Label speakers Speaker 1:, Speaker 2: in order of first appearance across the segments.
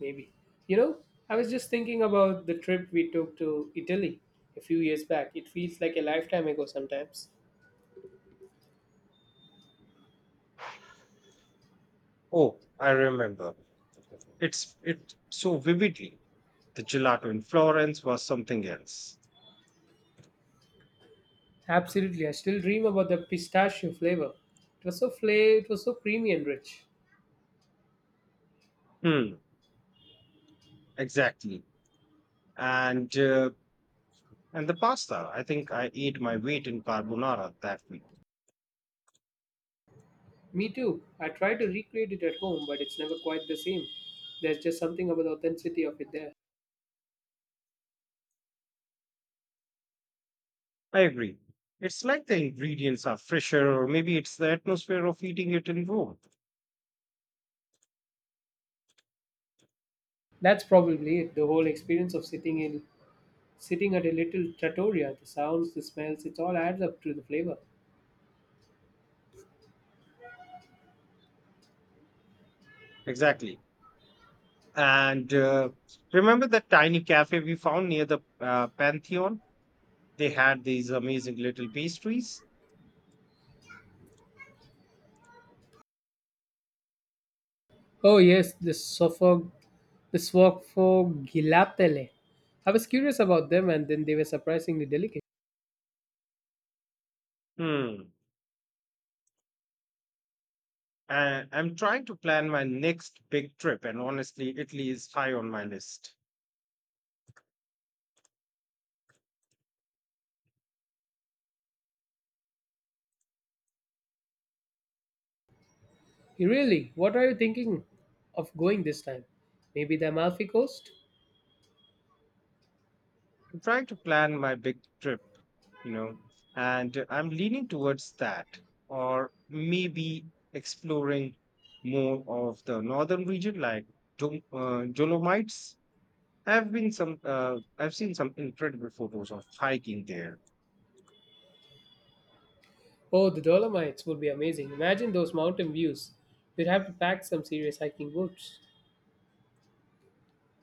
Speaker 1: Maybe. You know, I was just thinking about the trip we took to Italy a few years back. It feels like a lifetime ago sometimes.
Speaker 2: Oh, I remember. It's it so vividly. The gelato in Florence was something else.
Speaker 1: Absolutely. I still dream about the pistachio flavor. It was it was so creamy and rich.
Speaker 2: Hmm, exactly. And uh, and the pasta. I think I ate my weight in carbonara that week.
Speaker 1: Me too. I try to recreate it at home, but it's never quite the same. There's just something about the authenticity of it there.
Speaker 2: I agree. It's like the ingredients are fresher, or maybe it's the atmosphere of eating it in Rome.
Speaker 1: That's probably it. The whole experience of sitting at a little trattoria, the sounds, the smells, it all adds up to the flavor.
Speaker 2: Exactly. And remember that tiny cafe we found near the Pantheon? They had these amazing little pastries.
Speaker 1: Oh yes, the Sfophogilaptale. I was curious about them, and then they were surprisingly delicate.
Speaker 2: Hmm. I'm trying to plan my next big trip, and honestly, Italy is high on my list.
Speaker 1: Really, what are you thinking of going this time? Maybe the Amalfi Coast?
Speaker 2: I'm trying to plan my big trip, you know, and I'm leaning towards that, or maybe exploring more of the northern region, like Dolomites. I've seen some incredible photos of hiking there.
Speaker 1: Oh, the Dolomites would be amazing. Imagine those mountain views. You'd have to pack some serious hiking boots.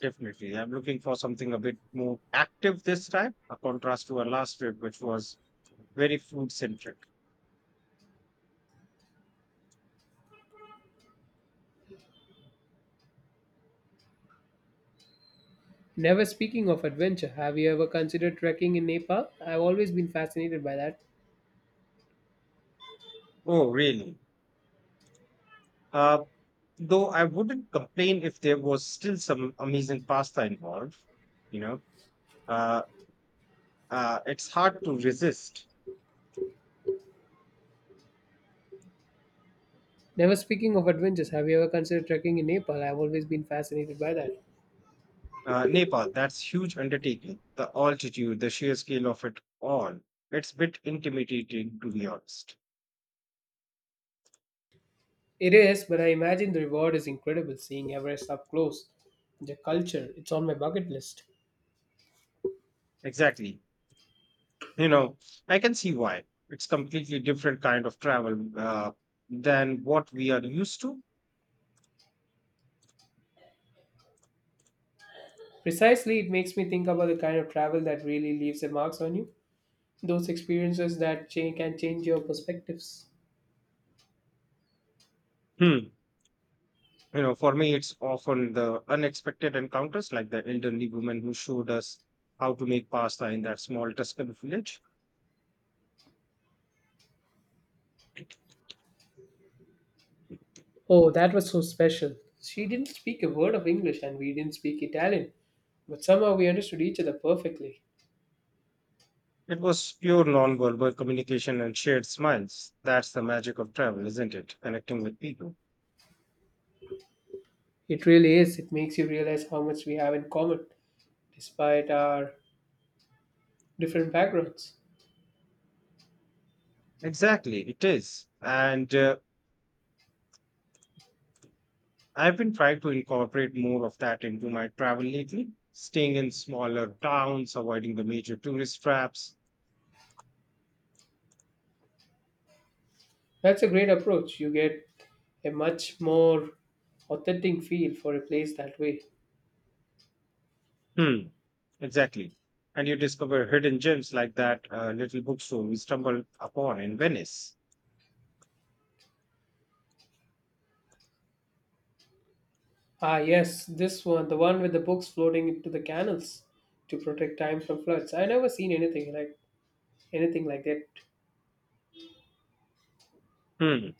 Speaker 2: Definitely, I'm looking for something a bit more active this time, a contrast to our last trip, which was very food centric.
Speaker 1: Never speaking of adventure, have you ever considered trekking in Nepal? I've always been fascinated by that.
Speaker 2: Oh, really? Uh, though I wouldn't complain if there was still some amazing pasta involved. You know, uh, it's hard to resist.
Speaker 1: Never speaking of adventures, have you ever considered trekking in Nepal? I've always been fascinated by that.
Speaker 2: Nepal, that's huge undertaking. The altitude, the sheer scale of it all. It's a bit intimidating, to be honest.
Speaker 1: It is, but I imagine the reward is incredible seeing Everest up close. The culture, it's on my bucket list.
Speaker 2: Exactly. You know, I can see why. It's completely different kind of travel than what we are used to.
Speaker 1: Precisely, it makes me think about the kind of travel that really leaves a marks on you. Those experiences that can change your perspectives.
Speaker 2: Hmm. You know, for me, it's often the unexpected encounters like the elderly woman who showed us how to make pasta in that small Tuscan village.
Speaker 1: Oh, that was so special. She didn't speak a word of English and we didn't speak Italian, but somehow we understood each other perfectly.
Speaker 2: It was pure non-verbal communication and shared smiles. That's the magic of travel, isn't it? Connecting with people.
Speaker 1: It really is. It makes you realize how much we have in common, despite our different backgrounds.
Speaker 2: Exactly, it is. And I've been trying to incorporate more of that into my travel lately, staying in smaller towns, avoiding the major tourist traps.
Speaker 1: That's a great approach. You get a much more authentic feel for a place that way.
Speaker 2: Hmm, exactly. And you discover hidden gems like that little bookstore we stumbled upon in Venice.
Speaker 1: Ah, yes, this one, the one with the books floating into the canals to protect time from floods. I never seen anything like that.
Speaker 2: Hmm.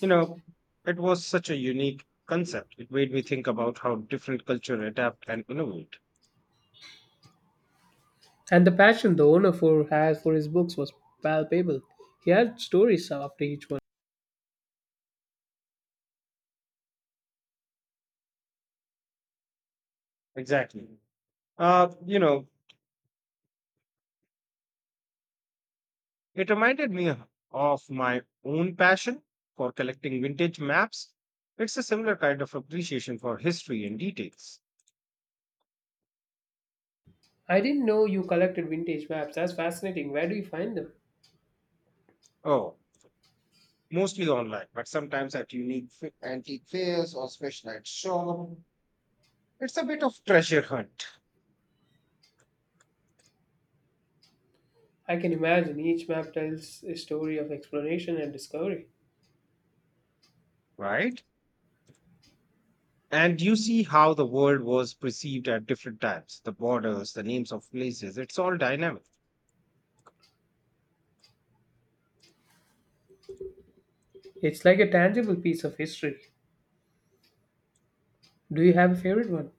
Speaker 2: You know, it was such a unique concept. It made me think about how different culture adapt and innovate.
Speaker 1: And the passion the owner for has for his books was palpable. He had stories after each one.
Speaker 2: Exactly. You know, it reminded me of my own passion for collecting vintage maps. It's a similar kind of appreciation for history and details.
Speaker 1: I didn't know you collected vintage maps. That's fascinating. Where do you find them?
Speaker 2: Oh, mostly online, but sometimes at antique fairs or specialized shop. It's a bit of treasure hunt,
Speaker 1: I can imagine each map tells a story of exploration and discovery.
Speaker 2: right? And you see how the world was perceived at different times, the borders, the names of places. It's all dynamic.
Speaker 1: It's like a tangible piece of history. Do you have a favorite one?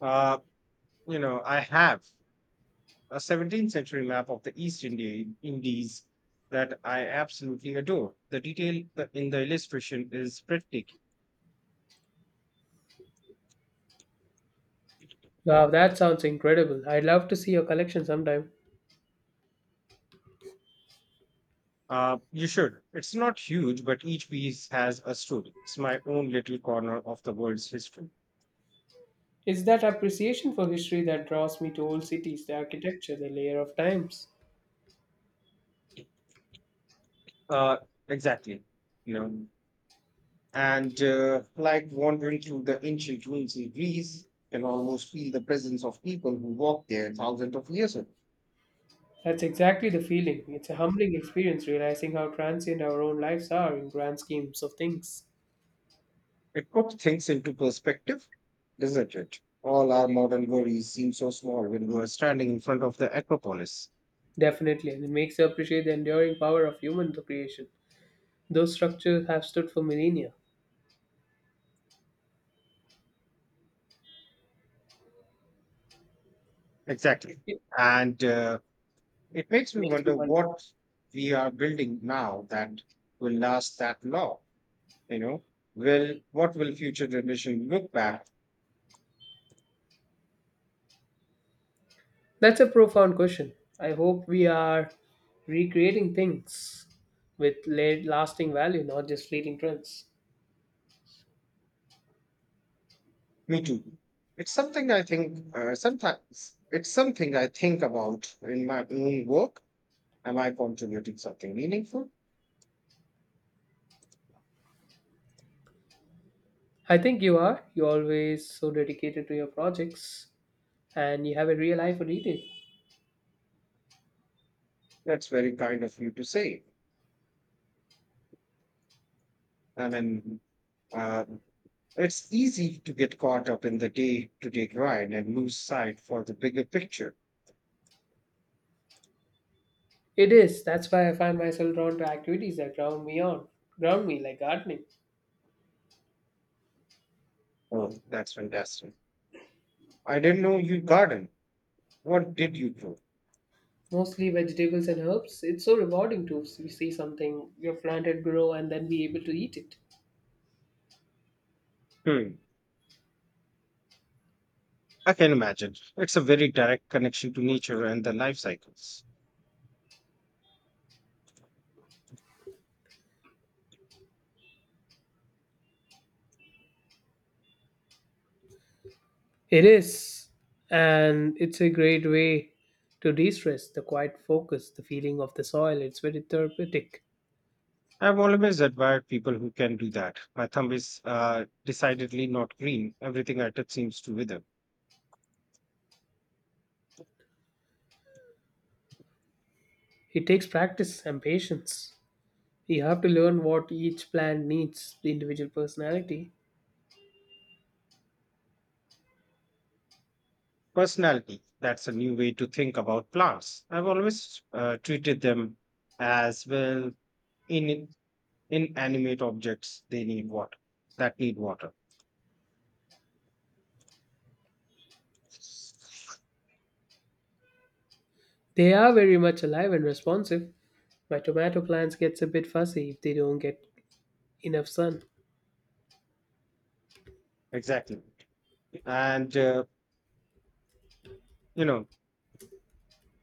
Speaker 2: Uh, you know, I have a 17th century map of the East India Indies that I absolutely adore. The detail in the illustration is breathtaking.
Speaker 1: Wow, that sounds incredible. I'd love to see your collection sometime.
Speaker 2: You should. It's not huge, but each piece has a story. It's my own little corner of the world's history.
Speaker 1: It's that appreciation for history that draws me to old cities, the architecture, the layer of times.
Speaker 2: Uh, exactly. You know, and like wandering through the ancient ruins in Greece, you can almost feel the presence of people who walked there thousands of years ago.
Speaker 1: That's exactly the feeling. It's a humbling experience realizing how transient our own lives are in grand schemes of things.
Speaker 2: It puts things into perspective, doesn't it? All our modern worries seem so small when we're standing in front of the Acropolis.
Speaker 1: Definitely, and it makes you appreciate the enduring power of human creation. Those structures have stood for millennia.
Speaker 2: Exactly.
Speaker 1: It
Speaker 2: And It makes me
Speaker 1: makes me
Speaker 2: wonder
Speaker 1: wonder.
Speaker 2: what we are building now that will last that long. You know, will what will future generation look back?
Speaker 1: That's a profound question. I hope we are recreating things with lasting value, not just fleeting trends.
Speaker 2: Me too. It's something I think. Sometimes it's something I think about in my own work. Am I contributing something meaningful?
Speaker 1: I think you are. You're always so dedicated to your projects and you have a real eye for detail.
Speaker 2: That's very kind of you to say. I mean, uh, it's easy to get caught up in the day-to-day grind and lose sight for the bigger picture.
Speaker 1: It is. That's why I find myself drawn to activities that ground me on. Ground me like gardening.
Speaker 2: Oh, that's fantastic! I didn't know you garden. What did you do?
Speaker 1: Mostly vegetables and herbs. It's so rewarding to see something you've planted grow and then be able to eat it.
Speaker 2: Hmm. I can imagine. It's a very direct connection to nature and the life cycles.
Speaker 1: It is. And it's a great way to de stress, the quiet focus, the feeling of the soil. It's very therapeutic.
Speaker 2: I've always admired people who can do that. My thumb is decidedly not green. Everything I touch seems to wither.
Speaker 1: It takes practice and patience. You have to learn what each plant needs, the individual personality.
Speaker 2: Personality. That's a new way to think about plants. I've always treated them as well in inanimate objects. They need water. That need water.
Speaker 1: They are very much alive and responsive. My tomato plants gets a bit fussy if they don't get enough sun.
Speaker 2: Exactly. And you know,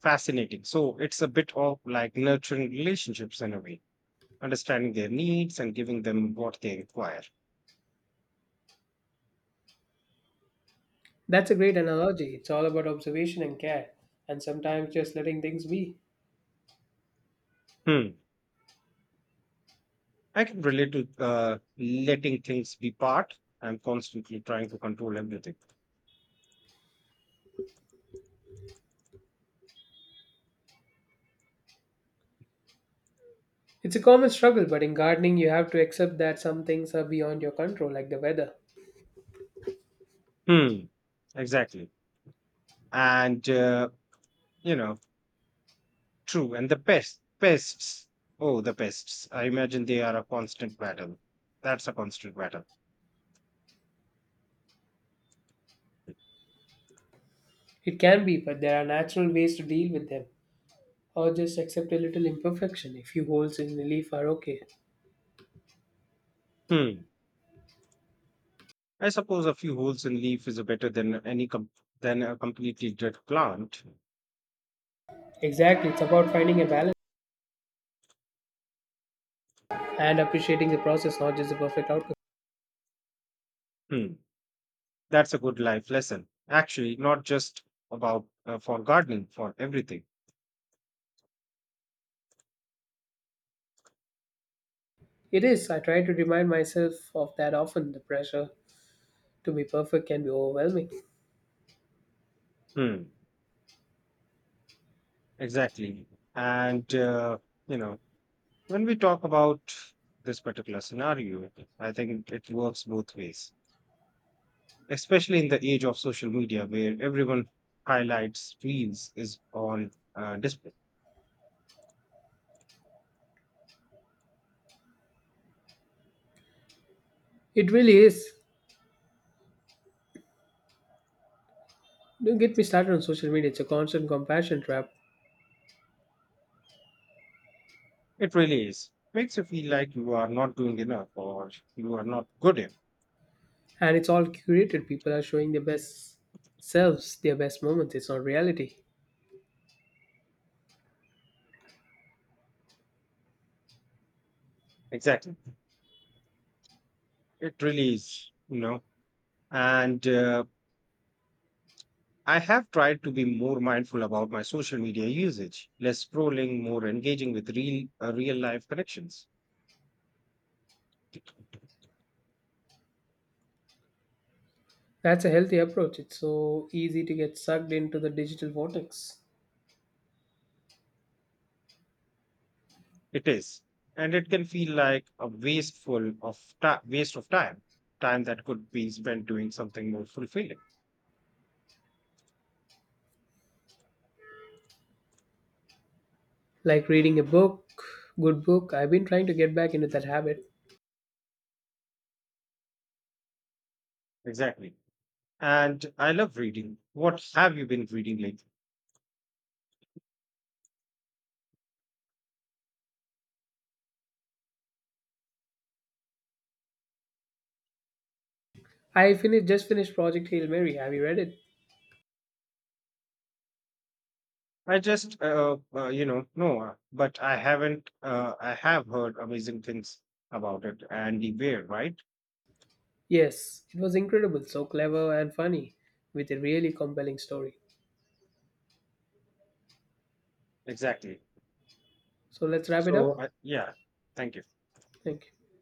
Speaker 2: fascinating, so it's a bit of like nurturing relationships in a way, understanding their needs and giving them what they require.
Speaker 1: That's a great analogy. It's all about observation and care, and sometimes just letting things be.
Speaker 2: Hmm, I can relate to letting things be part, I'm constantly trying to control everything.
Speaker 1: It's a common struggle, but in gardening, you have to accept that some things are beyond your control, like the weather.
Speaker 2: Hmm, exactly. And you know, true. And the pests. Oh, the pests, I imagine they are a constant battle.
Speaker 1: It can be, but there are natural ways to deal with them, or just accept a little imperfection if few holes in the leaf are okay.
Speaker 2: Hmm. I suppose a few holes in leaf is better than than a completely dead plant.
Speaker 1: Exactly, it's about finding a balance, and appreciating the process, not just the perfect outcome.
Speaker 2: Hmm. That's a good life lesson. Actually, not just about for gardening, for everything.
Speaker 1: It is. I try to remind myself of that often. The pressure to be perfect can be overwhelming.
Speaker 2: Hmm. Exactly. And you know, when we talk about this particular scenario, I think it works both ways, especially in the age of social media where everyone highlights reels is on display.
Speaker 1: It really is. Don't get me started on social media. It's a constant compassion trap,
Speaker 2: It really is. Makes you feel like you are not doing enough or you are not good enough.
Speaker 1: and it's all curated. People are showing their best selves, their best moments. It's not reality.
Speaker 2: Exactly. It really is, you know. And I have tried to be more mindful about my social media usage, less scrolling, more engaging with real life connections.
Speaker 1: That's a healthy approach. It's so easy to get sucked into the digital vortex.
Speaker 2: It is, and it can feel like a waste of time, time that could be spent doing something more fulfilling.
Speaker 1: Like reading a book, good book. I've been trying to get back into that habit.
Speaker 2: Exactly. And I love reading. What have you been reading lately?
Speaker 1: I finished Project Hail Mary. Have you read it?
Speaker 2: I just, you know, no, but I haven't. I have heard amazing things about it. Andy Weir, right?
Speaker 1: Yes, it was incredible, so clever and funny, with a really compelling story.
Speaker 2: Exactly.
Speaker 1: So let's wrap it up.
Speaker 2: So, I Yeah. Thank you.
Speaker 1: Thank you.